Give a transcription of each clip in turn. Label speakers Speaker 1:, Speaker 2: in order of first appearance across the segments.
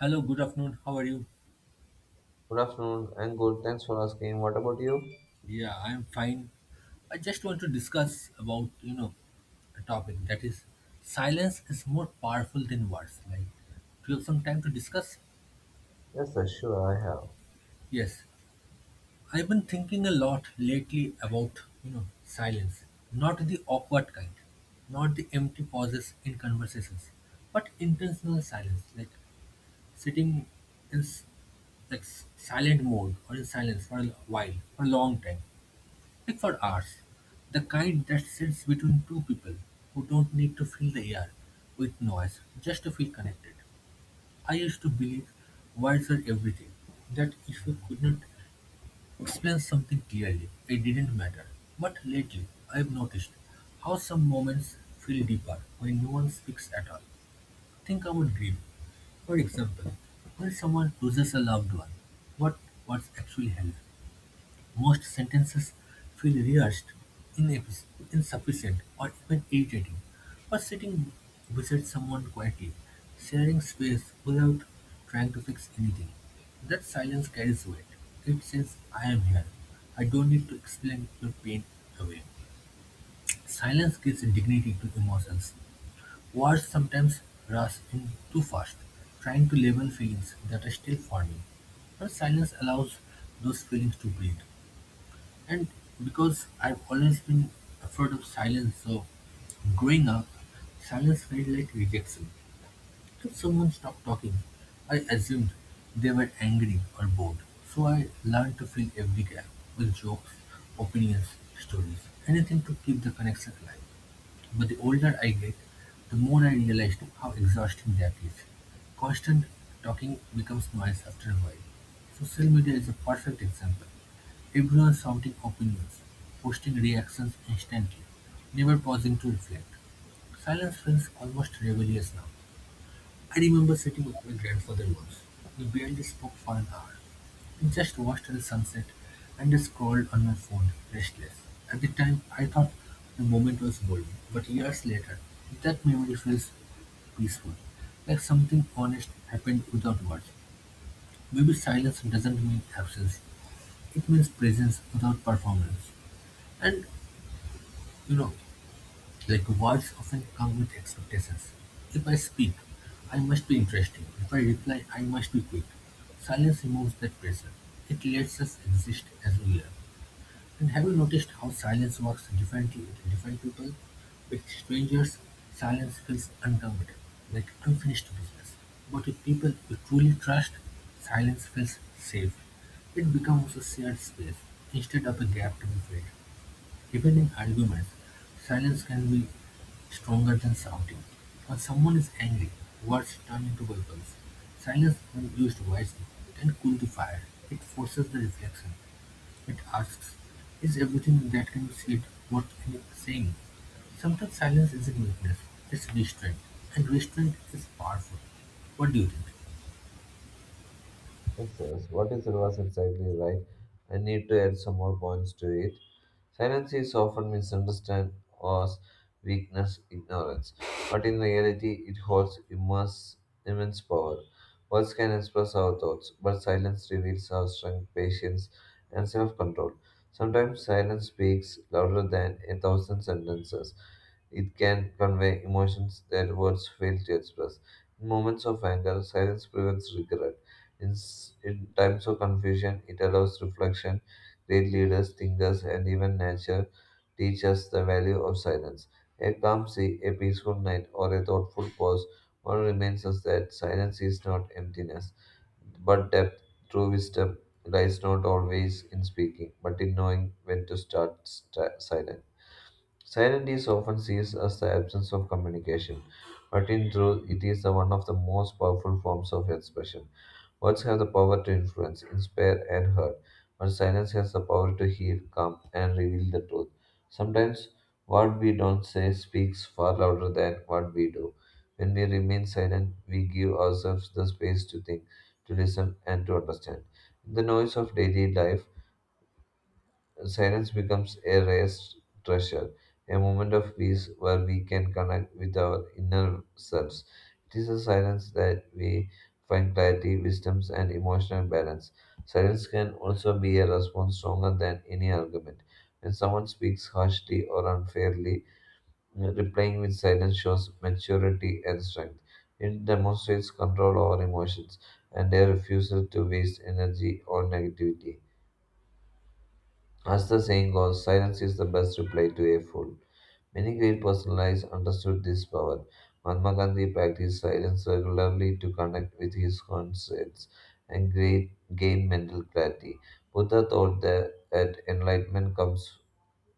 Speaker 1: Hello, good afternoon. How are you?
Speaker 2: Good afternoon. I'm good. Thanks for asking. What about you?
Speaker 1: Yeah, I am fine. I just want to discuss about, a topic that is silence is more powerful than words. Like, do you have some time to discuss?
Speaker 2: Yes, sir. Sure, I have.
Speaker 1: Yes. I've been thinking a lot lately about, silence. Not the awkward kind, not the empty pauses in conversations, but intentional silence. Like sitting in silent mode or in silence for a while, for a long time. Like for ours, the kind that sits between two people who don't need to fill the air with noise just to feel connected. I used to believe words were everything, that if you could not explain something clearly, it didn't matter. But lately, I've noticed how some moments feel deeper when no one speaks at all. Think about grief, for example, when someone loses a loved one, what what's actually held most sentences feel rehearsed, ineffic- insufficient, or even irritating. But sitting beside someone quietly, sharing space without trying to fix anything, that silence carries weight. It says, I am here. I don't need to explain your pain away. Silence gives dignity to emotions. Words sometimes rush in too fast, trying to label feelings that are still forming. But silence allows those feelings to breathe. And because I've always been afraid of silence, so growing up, silence felt like rejection. If someone stopped talking, I assumed they were angry or bored. So I learned to fill every gap with jokes, opinions, stories, anything to keep the connection alive. But the older I get, the more I realized how exhausting that is. Constant talking becomes noise after a while. Social media is a perfect example. Everyone shouting opinions, posting reactions instantly, never pausing to reflect. Silence feels almost rebellious now. I remember sitting with my grandfather once. We barely spoke for an hour. We just watched the sunset and I scrolled on my phone, restless. At the time, I thought the moment was bold, but years later, that memory feels peaceful, like something honest happened without words. Maybe silence doesn't mean absence, it means presence without performance. And you know, words often come with expectations. If I speak, I must be interesting. If I reply, I must be quick. Silence removes that pressure. It lets us exist as we are. And have you noticed how silence works differently with different people? With strangers, silence feels uncomfortable, like unfinished business. But with people you truly trust, silence feels safe. It becomes a shared space instead of a gap to be filled. Even in arguments, silence can be stronger than shouting. When someone is angry, words turn into weapons. Silence, when used wisely, can cool the fire. It forces the reflection. It asks, is everything that can be said worth saying? Sometimes silence isn't weakness, it's restraint. And restraint is powerful. What do you think?
Speaker 2: Yes, sir. What is the reverse exactly right? I need to add some more points to it. Silence is often misunderstood as weakness, ignorance, but in reality, it holds immense power. Words can express our thoughts, but silence reveals our strength, patience, and self control. Sometimes silence speaks louder than a thousand sentences. It can convey emotions that words fail to express. In moments of anger, silence prevents regret. In times of confusion, it allows reflection. Great leaders, thinkers, and even nature teach us the value of silence. A calm sea, a peaceful night, or a thoughtful pause, one reminds us that silence is not emptiness, but depth. True wisdom lies not always in speaking, but in knowing when to silent. Silence is often seen as the absence of communication, but in truth, it is the one of the most powerful forms of expression. Words have the power to influence, inspire, and hurt, but silence has the power to heal, calm, and reveal the truth. Sometimes what we don't say speaks far louder than what we do. When we remain silent, we give ourselves the space to think, to listen, and to understand. In the noise of daily life, silence becomes a raised treasure, a moment of peace where we can connect with our inner selves. It is a silence that we find clarity, wisdom, and emotional balance. Silence can also be a response stronger than any argument. When someone speaks harshly or unfairly, replying with silence shows maturity and strength. It demonstrates control over emotions and a refusal to waste energy or negativity. As the saying goes, silence is the best reply to a fool. Many great personalities understood this power. Mahatma Gandhi practiced silence regularly to connect with his conscience and gain mental clarity. Buddha taught that enlightenment comes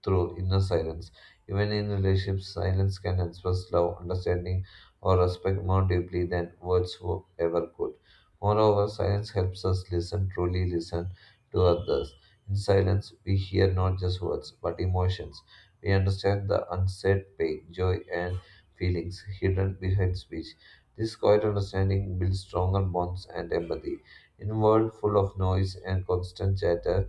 Speaker 2: through inner silence. Even in relationships, silence can express love, understanding, or respect more deeply than ever could. Moreover, silence helps us listen, truly listen to others. In silence, we hear not just words, but emotions. We understand the unsaid pain, joy, and feelings hidden behind speech. This quiet understanding builds stronger bonds and empathy. In a world full of noise and constant chatter,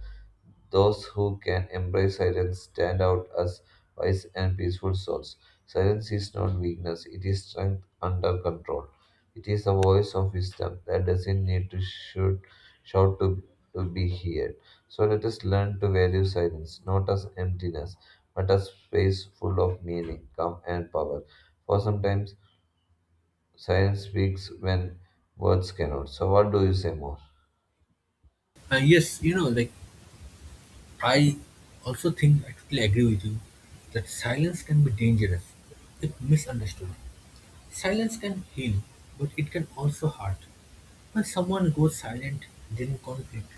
Speaker 2: those who can embrace silence stand out as wise and peaceful souls. Silence is not weakness, it is strength under control. It is the voice of wisdom that doesn't need to shout to, to be heard. So let us learn to value silence, not as emptiness, but as space full of meaning, calm, and power. For sometimes silence speaks when words cannot. So, what do you say more?
Speaker 1: Uh, yes, you know, like I also think I totally agree with you that silence can be dangerous if misunderstood. Silence can heal, but it can also hurt. When someone goes silent during conflict,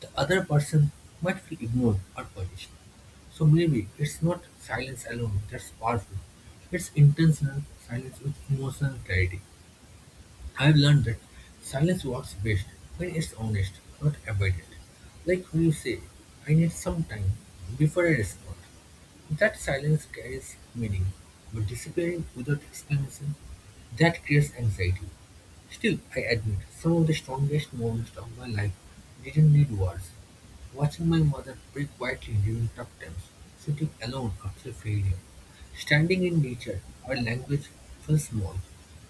Speaker 1: the other person might feel ignored or punished. So maybe it's not silence alone that's powerful, it's intentional silence with emotional clarity. I've learned that silence works best when it's honest, not avoided. Like when you say, I need some time before I respond. That silence carries meaning, but disappearing without explanation, that creates anxiety. Still, I admit, some of the strongest moments of my life didn't need words. Watching my mother pray quietly during tough times, sitting alone after failure, standing in nature or language fell small.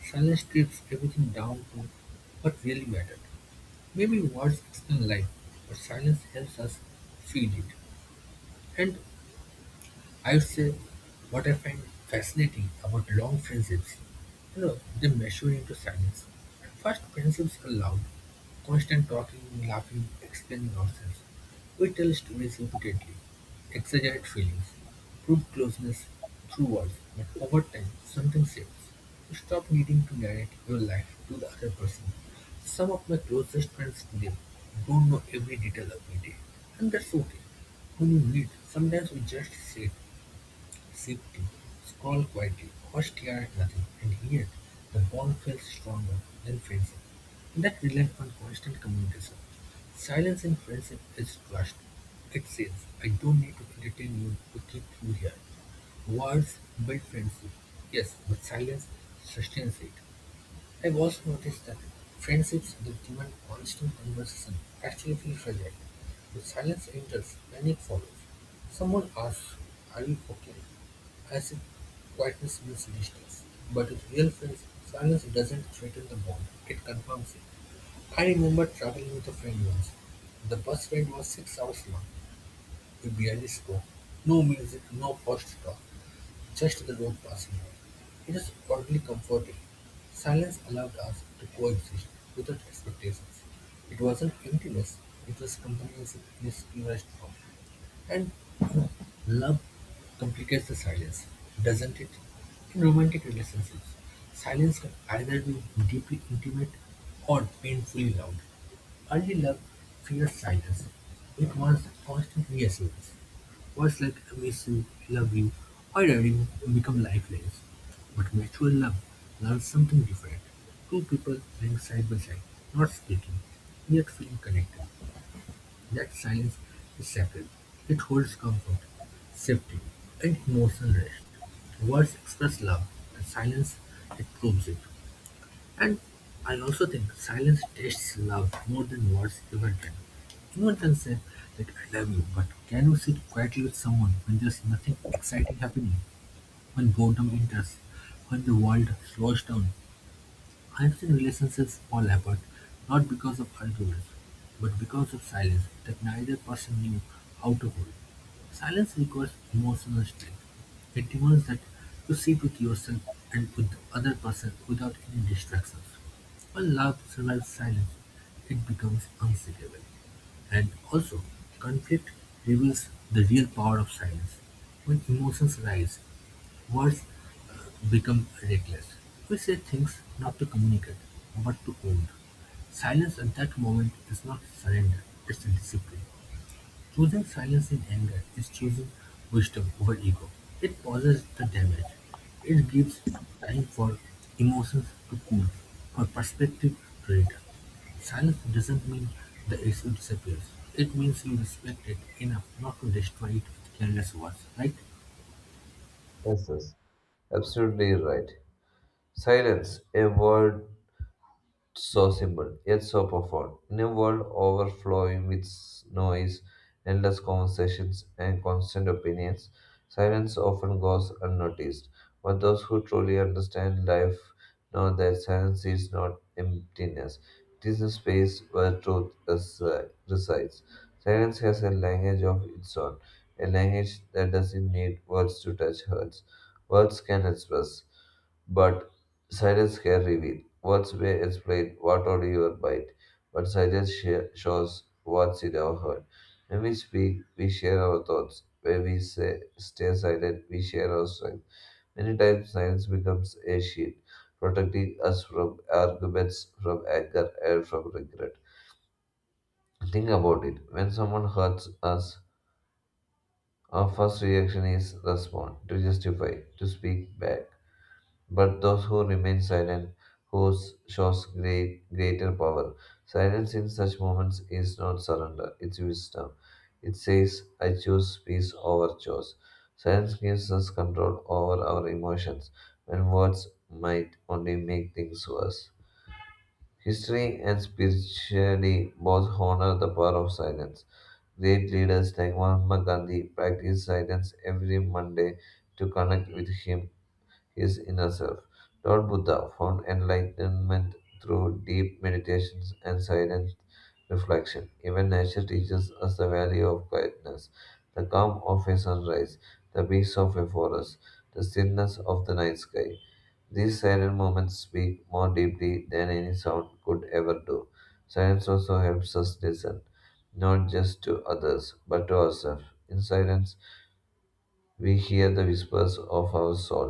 Speaker 1: Silence strips everything down to what really mattered. Maybe words explain life, but silence helps us feel it. And I'd say what I find fascinating about long friendships, they measure into silence. At first, friendships are loud, constant talking, laughing, explaining ourselves. We tell stories repeatedly, exaggerate feelings, prove closeness through words, but over time, something shifts. You stop needing to narrate your life to the other person. Some of my closest friends today don't know every detail of my day, and that's okay. When you meet, sometimes we just sit, sipped, scrawled quietly, first year at nothing, and yet the bond feels stronger than friendship. That relied on constant communication. Silence in friendship is trust. It says, I don't need to entertain you to keep you here. Words build friendship, yes, but silence sustains it. I've also noticed that friendships that demand constant conversation actually feel fragile. If silence enters, panic follows. Someone asks, are you okay? As if quietness means distance. But with real friends, silence doesn't threaten the bond, it confirms it. I remember traveling with a friend once. The bus ride was 6 hours long. We barely spoke. No music, no forced talk. Just the road passing. It is oddly comforting. Silence allowed us to coexist without expectations. It wasn't emptiness, it was companionship in its purest form. And love complicates the silence, doesn't it? In romantic relationships, silence can either be deeply intimate or painfully loud. Early love fears silence. It wants constant reassurance. Words like amazing, love you, or adore become lifelines. But mutual love learns something different. Two people lying side by side, not speaking, yet feeling connected. That silence is sacred. It holds comfort, safety, and emotional rest. Words express love, and silence it proves it. And I also think silence tests love more than words ever can. Anyone can say that I love you, but can you sit quietly with someone when there's nothing exciting happening, when boredom enters, when the world slows down? I've seen relationships fall apart not because of arguments, but because of silence that neither person knew how to hold. Silence requires emotional strength. It demands that you sit with yourself and with the other person without any distractions. When love survives silence, it becomes unsinkable. And also, conflict reveals the real power of silence. When emotions rise, words become reckless; we say things not to communicate, but to own. Silence at that moment is not surrender, it's discipline. Choosing silence in anger is choosing wisdom over ego. It pauses the damage. It gives time for emotions to cool, for perspective to return. Silence doesn't mean the issue disappears. It means you respect it enough not to destroy it with careless words, right?
Speaker 2: Yes, absolutely right. Silence, a word. So simple, yet so profound. In a world overflowing with noise, endless conversations, and constant opinions, silence often goes unnoticed. But those who truly understand life know that silence is not emptiness, it is a space where resides. Silence has a language of its own, a language that doesn't need words to touch hearts. Words can express. But silence can reveal. Words may explain what on your mind, but silence shows what's in our heart. When we speak, we share our thoughts. When we say, stay silent, we share our strength. Many times, silence becomes a shield, protecting us from arguments, from anger, and from regret. Think about it. When someone hurts us, our first reaction is respond, to justify, to speak back. But those who remain silent who shows greater power. Silence in such moments is not surrender, it's wisdom. It says, I choose peace over choice. Silence gives us control over our emotions when words might only make things worse. History and spirituality both honor the power of silence. Great leaders like Mahatma Gandhi practiced silence every Monday to connect with him his inner self. Lord Buddha found enlightenment through deep meditations and silent reflection. Even nature teaches us the value of quietness, the calm of a sunrise, the peace of a forest, the stillness of the night sky. These silent moments speak more deeply than any sound could ever do. Silence also helps us listen, not just to others, but to ourselves. In silence, we hear the whispers of our soul,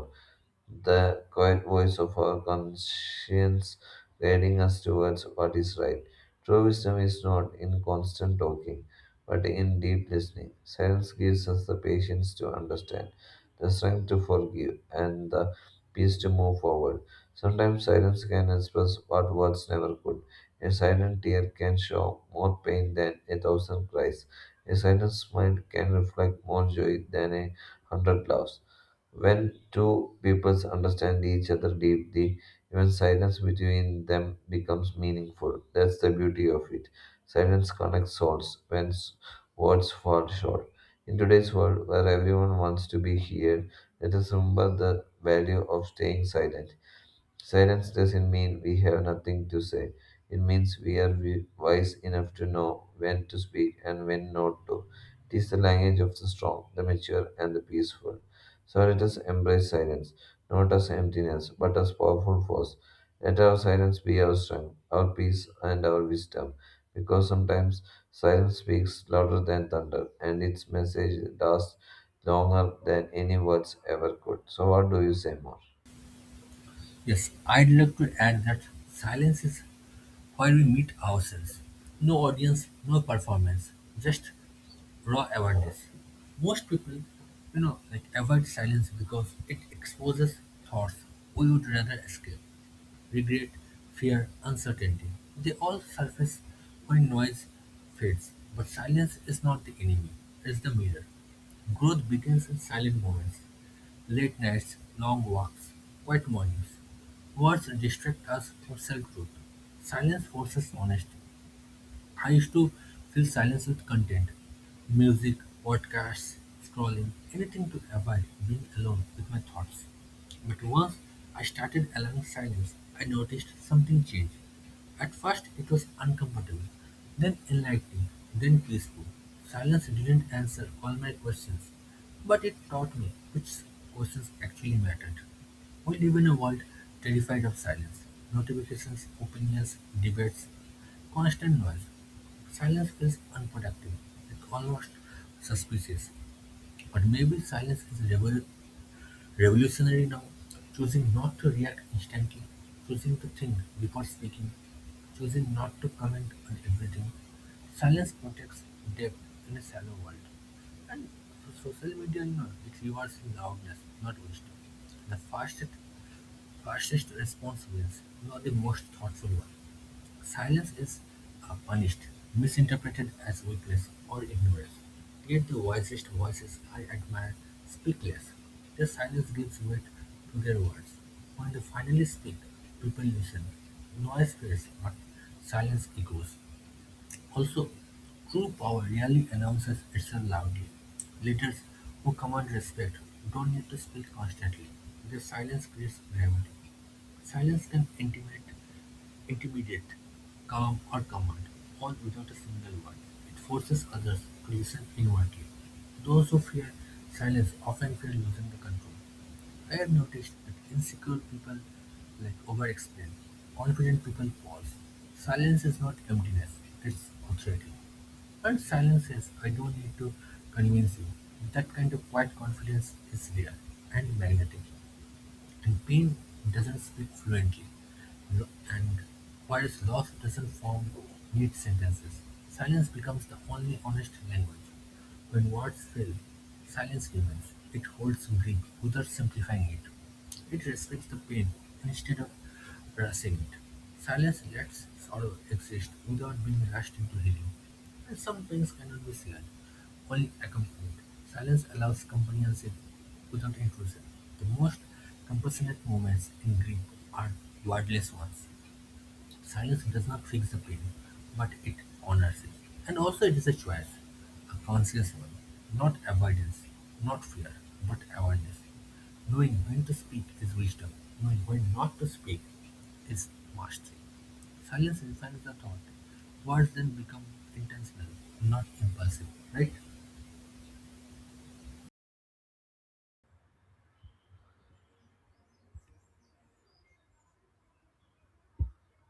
Speaker 2: the quiet voice of our conscience guiding us towards what is right. True wisdom is not in constant talking, but in deep listening. Silence gives us the patience to understand, the strength to forgive, and the peace to move forward. Sometimes silence can express what words never could. A silent tear can show more pain than a thousand cries. A silent smile can reflect more joy than a hundred loves. When two peoples understand each other deeply, even silence between them becomes meaningful. That's the beauty of it. Silence connects souls when words fall short. In today's world, where everyone wants to be heard, let us remember the value of staying silent. Silence doesn't mean we have nothing to say. It means we are wise enough to know when to speak and when not to. It is the language of the strong, the mature, and the peaceful. So let us embrace silence, not as emptiness, but as powerful force. Let our silence be our strength, our peace, and our wisdom, because sometimes silence speaks louder than thunder, and its message lasts longer than any words ever could. So, what do you say more?
Speaker 1: Yes, I'd like to add that silence is where we meet ourselves. No audience, no performance, just raw awareness. Most people, avoid silence because it exposes thoughts we would rather escape regret, fear, uncertainty. They all surface when noise fades. But silence is not the enemy, it's the mirror. Growth begins in silent moments. Late nights, long walks, quiet mornings. Words distract us from self-truth. Silence forces honesty. I used to fill silence with content. Music, podcasts, scrolling, anything to avoid being alone with my thoughts. But once I started allowing silence, I noticed something change. At first, it was uncomfortable, then enlightening, then peaceful. Silence didn't answer all my questions, but it taught me which questions actually mattered. We live in a world terrified of silence, notifications, opinions, debates, constant noise. Silence is unproductive and almost suspicious, but maybe silence is revolutionary now. Choosing not to react instantly, choosing to think before speaking, choosing not to comment on everything. Silence protects depth in a shallow world. And so social media, it rewards loudness, not wisdom. The fastest response wins, not the most thoughtful one. Silence is punished, misinterpreted as weakness or ignorance. Yet the wisest voices I admire speak less. Their silence gives weight to their words. When they finally speak, people listen. Noise fades, but silence echoes. Also, true power rarely announces itself loudly. Leaders who command respect don't need to speak constantly. Their silence creates gravity. Silence can intimidate intermediate, calm or command, all without a single word. It forces others to listen inwardly. Those who fear silence often fear losing the control. I have noticed that insecure people like overexplain. Confident people pause. Silence is not emptiness, it's authority. And silence says, I don't need to convince you. That kind of quiet confidence is rare and magnetic. And pain doesn't speak fluently, and whilst loss doesn't form neat sentences, silence becomes the only honest language. When words fail, silence remains. It holds grief without simplifying it. It respects the pain instead of rushing it. Silence lets sorrow exist without being rushed into healing. And some drinks cannot be shared, only accompanied. Silence allows companionship without intrusion. The most compassionate moments in grief are wordless ones. Silence does not fix the pain, but it honors it. And also, it is a choice, a conscious one, not avoidance, not fear, but awareness. Knowing when to speak is wisdom, knowing when not to speak is mastery. Silence refines the thought. Words then become intentional, not impulsive, right?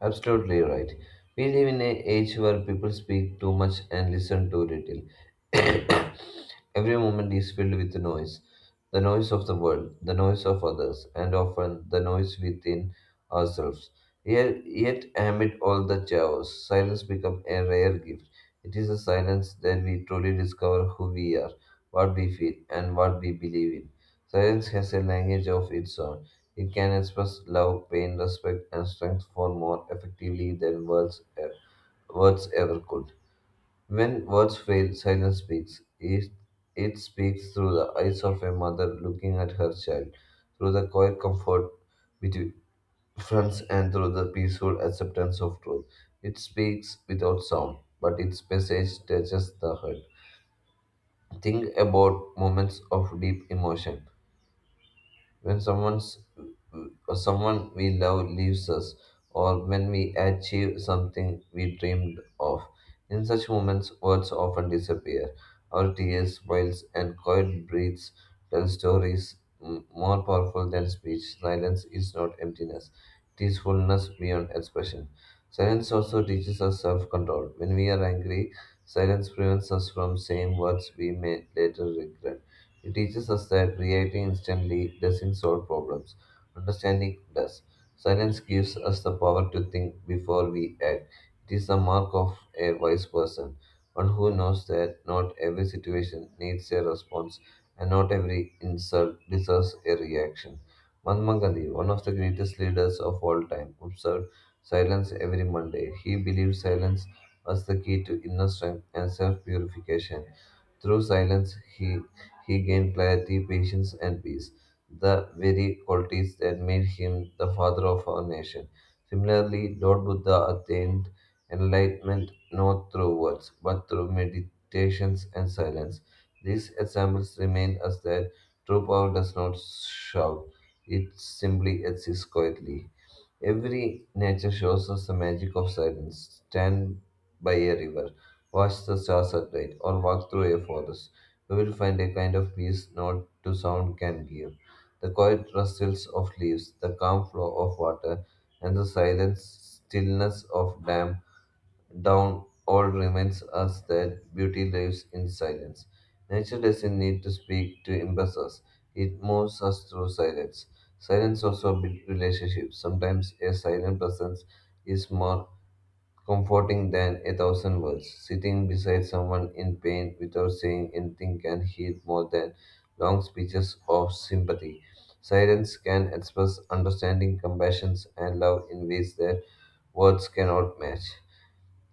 Speaker 2: Absolutely right. We live in an age where people speak too much and listen too little. Every moment is filled with noise, the noise of the world, the noise of others, and often the noise within ourselves. Yet, amid all the chaos, silence becomes a rare gift. It is a silence that we truly discover who we are, what we feel, and what we believe in. Silence has a language of its own. It can express love, pain, respect, and strength for more effectively than words ever could. When words fail, silence speaks. It speaks through the eyes of a mother looking at her child, through the quiet comfort between friends, and through the peaceful acceptance of truth. It speaks without sound, but its message touches the heart. Think about moments of deep emotion when someone's or someone we love leaves us or when we achieve something we dreamed of. In such moments, words often disappear. Our tears, smiles, and quiet breaths tell stories more powerful than speech. Silence is not emptiness, it is fullness beyond expression. Silence also teaches us self control. When we are angry, silence prevents us from saying words we may later regret. It teaches us that reacting instantly doesn't solve problems. Understanding does. Silence gives us the power to think before we act. It is the mark of a wise person, one who knows that not every situation needs a response and not every insult deserves a reaction. Mahatma Gandhi, one of the greatest leaders of all time, observed silence every Monday. He believed silence was the key to inner strength and self purification. Through silence, he gained clarity, patience, and peace, the very qualities that made him the father of our nation. Similarly, Lord Buddha attained enlightenment not through words, but through meditations and silence. These examples remind us that true power does not shout, it simply exists quietly. Every nature shows us the magic of silence. Stand by a river, watch the stars at night, or walk through a forest. You will find a kind of peace not to sound can give. The quiet rustles of leaves, the calm flow of water, and the silent stillness of dam down all reminds us that beauty lives in silence. Nature doesn't need to speak to impress us. It moves us through silence. Silence also builds relationships. Sometimes a silent presence is more comforting than a thousand words. Sitting beside someone in pain without saying anything can heal more than long speeches of sympathy. Silence can express understanding, compassion, and love in ways that words cannot match.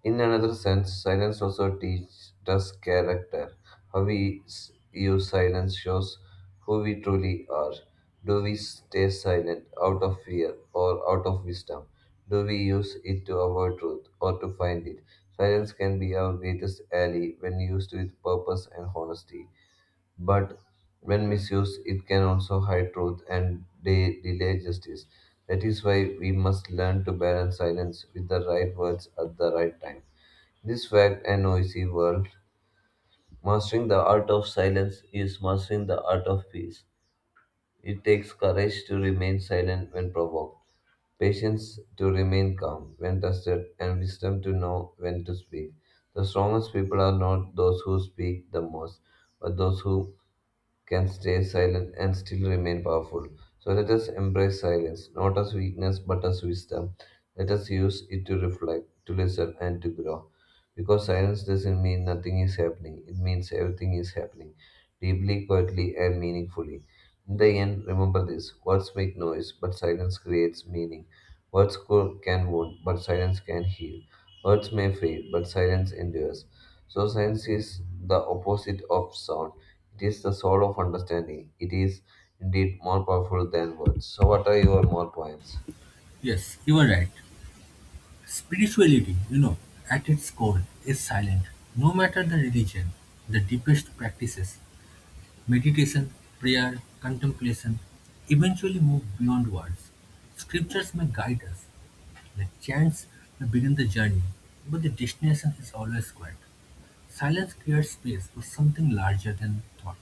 Speaker 2: In another sense, silence also teaches us character. How we use silence shows who we truly are. Do we stay silent out of fear or out of wisdom? Do we use it to avoid truth or to find it? Silence can be our greatest ally when used with purpose and honesty. But when misused, it can also hide truth and delay justice. That is why we must learn to balance silence with the right words at the right time. This fact and noisy world, mastering the art of silence is mastering the art of peace. It takes courage to remain silent when provoked, patience to remain calm when tested, and wisdom to know when to speak. The strongest people are not those who speak the most, but those who can stay silent and still remain powerful. So let us embrace silence, not as weakness but as wisdom. Let us use it to reflect, to listen, and to grow. Because silence doesn't mean nothing is happening, it means everything is happening, deeply, quietly, and meaningfully. In the end, remember this words make noise, but silence creates meaning. Can wound, but silence can heal. Words may fade, but silence endures. So, silence is the opposite of sound, it is the soul of understanding. It is indeed more powerful than words. So, what are your more points?
Speaker 1: Yes, you are right. Spirituality, at its core is silent. No matter the religion, the deepest practices, meditation, prayer, contemplation, eventually move beyond words. Scriptures may guide us, the chants may begin the journey, but the destination is always quiet. Silence cleared space for something larger than thought.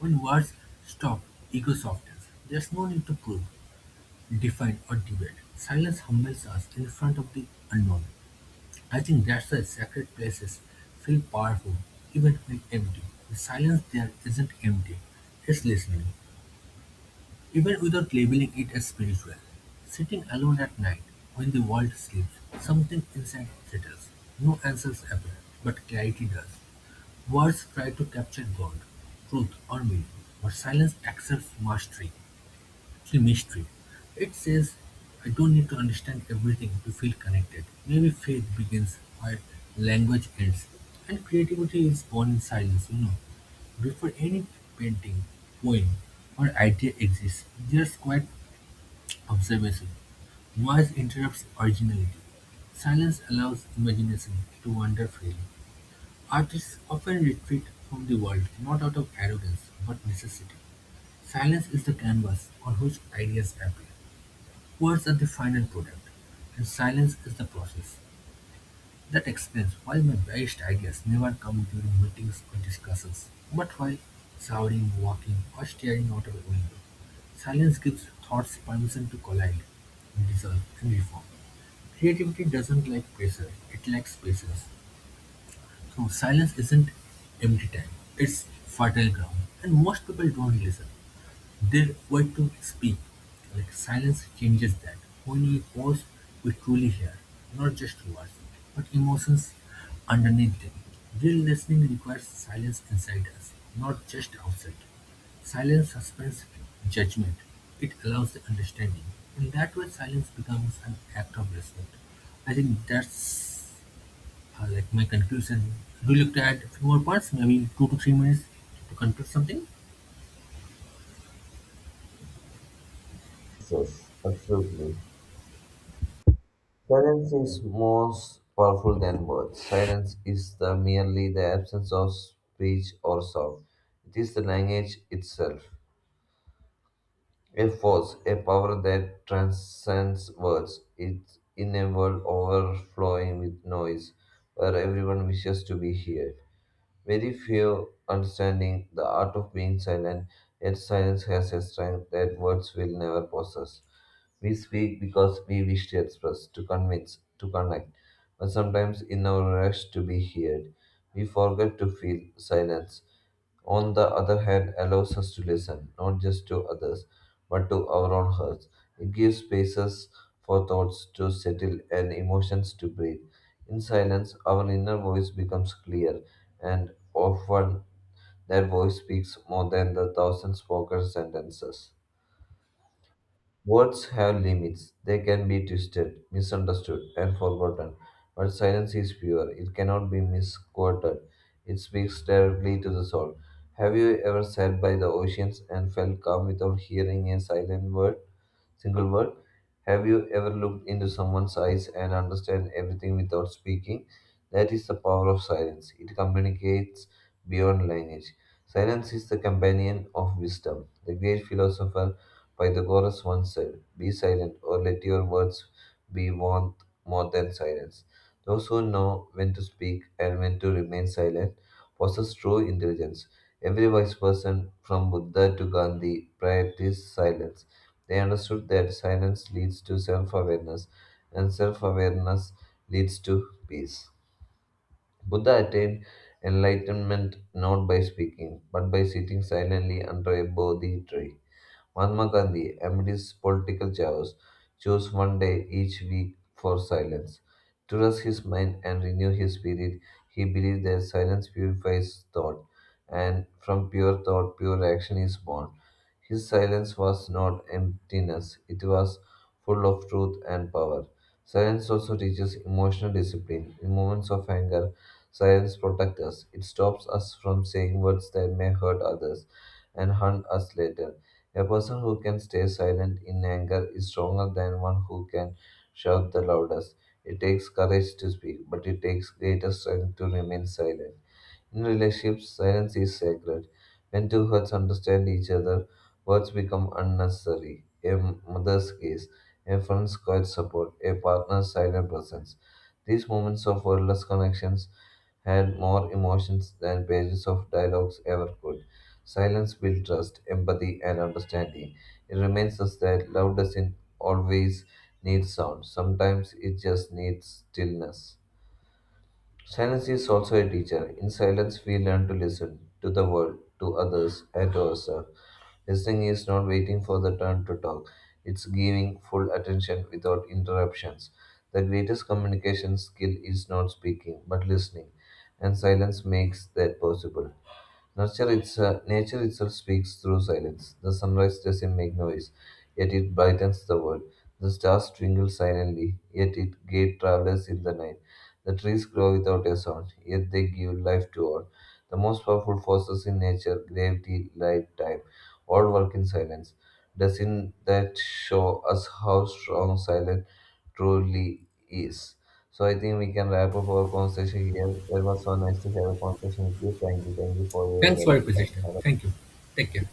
Speaker 1: When words stop ego softens, there's no need to prove, define, or debate. Silence humbles us in front of the unknown. I think that's why sacred places feel powerful even when empty. The silence there isn't empty, it's listening, even without labeling it as spiritual. Sitting alone at night, when the world sleeps, something inside settles. No answers appear, but clarity does. Words try to capture God, truth, or meaning, but silence accepts mastery, through mystery. It says, I don't need to understand everything to feel connected. Maybe faith begins where language ends, and creativity is born in silence, Before any painting, poem, or idea exists, there's quiet observation. Noise interrupts originality. Silence allows imagination to wander freely. Artists often retreat from the world not out of arrogance but necessity. Silence is the canvas on which ideas appear. Words are the final product, and silence is the process. That explains why my best ideas never come during meetings or discussions, but while showering, walking, or staring out of a window. Silence gives thoughts permission to collide, dissolve, and reform. Creativity doesn't like pressure, it lacks patience. So silence isn't empty time, it's fertile ground. And most people don't listen. They wait to speak. Like silence changes that. When we pause, we truly hear, not just words, but emotions underneath them. Real listening requires silence inside us, not just outside. Silence suspends judgment. It allows the understanding. In that way, silence becomes an act of respect. I think that's my conclusion. Do you look to add a few more parts? Maybe 2 to 3 minutes to conclude something?
Speaker 2: Yes, absolutely. Silence is more powerful than words. Silence is the merely the absence of speech or sound. It is the language itself. A force, a power that transcends words. It's in a world overflowing with noise, where everyone wishes to be heard. Very few understanding the art of being silent, yet silence has a strength that words will never possess. We speak because we wish to express, to convince, to connect, but sometimes in our rush to be heard, we forget to feel silence on the other hand, allows us to listen, not just to others, but to our own hearts. It gives spaces for thoughts to settle and emotions to breathe. In silence, our inner voice becomes clear, and often that voice speaks more than the thousand spoken sentences. Words have limits. They can be twisted, misunderstood, and forgotten. But silence is pure. It cannot be misquoted. It speaks directly to the soul. Have you ever sat by the oceans and felt calm without hearing a silent word? Single word. Have you ever looked into someone's eyes and understand everything without speaking? That is the power of silence. It communicates beyond language. Silence is the companion of wisdom. The great philosopher Pythagoras once said, "Be silent, or let your words be warmth more than silence." Those who know when to speak and when to remain silent possess true intelligence. Every wise person, from Buddha to Gandhi, practiced silence. They understood that silence leads to self awareness, and self awareness leads to peace. Buddha attained enlightenment not by speaking, but by sitting silently under a Bodhi tree. Mahatma Gandhi, amidst political chaos, chose one day each week for silence. To rest his mind and renew his spirit, he believed that silence purifies thought, and from pure thought, pure action is born. His silence was not emptiness, it was full of truth and power. Silence also teaches emotional discipline. In moments of anger, silence protects us. It stops us from saying words that may hurt others and harm us later. A person who can stay silent in anger is stronger than one who can shout the loudest. It takes courage to speak, but it takes greater strength to remain silent. In relationships, silence is sacred. When two hearts understand each other, words become unnecessary. A mother's kiss, a friend's quiet support, a partner's silent presence. These moments of wordless connections had more emotions than pages of dialogues ever could. Silence builds trust, empathy, and understanding. It reminds us that love doesn't always need sound. Sometimes it just needs stillness. Silence is also a teacher. In silence, we learn to listen to the world, to others, and to ourselves. Listening is not waiting for the turn to talk, it's giving full attention without interruptions. The greatest communication skill is not speaking, but listening, and silence makes that possible. Nature itself speaks through silence. The sunrise doesn't make noise, yet it brightens the world. The stars twinkle silently, yet it guide travelers in the night. The trees grow without a sound, yet they give life to all. The most powerful forces in nature, gravity, light, time, all work in silence. Doesn't that show us how strong silence truly is? So I think we can wrap up our conversation here. It was so nice to have a conversation with you. Thank you. Thank you for your
Speaker 1: Thanks for your
Speaker 2: valuable time.
Speaker 1: suggestion.
Speaker 2: Have
Speaker 1: Thank you. Take care.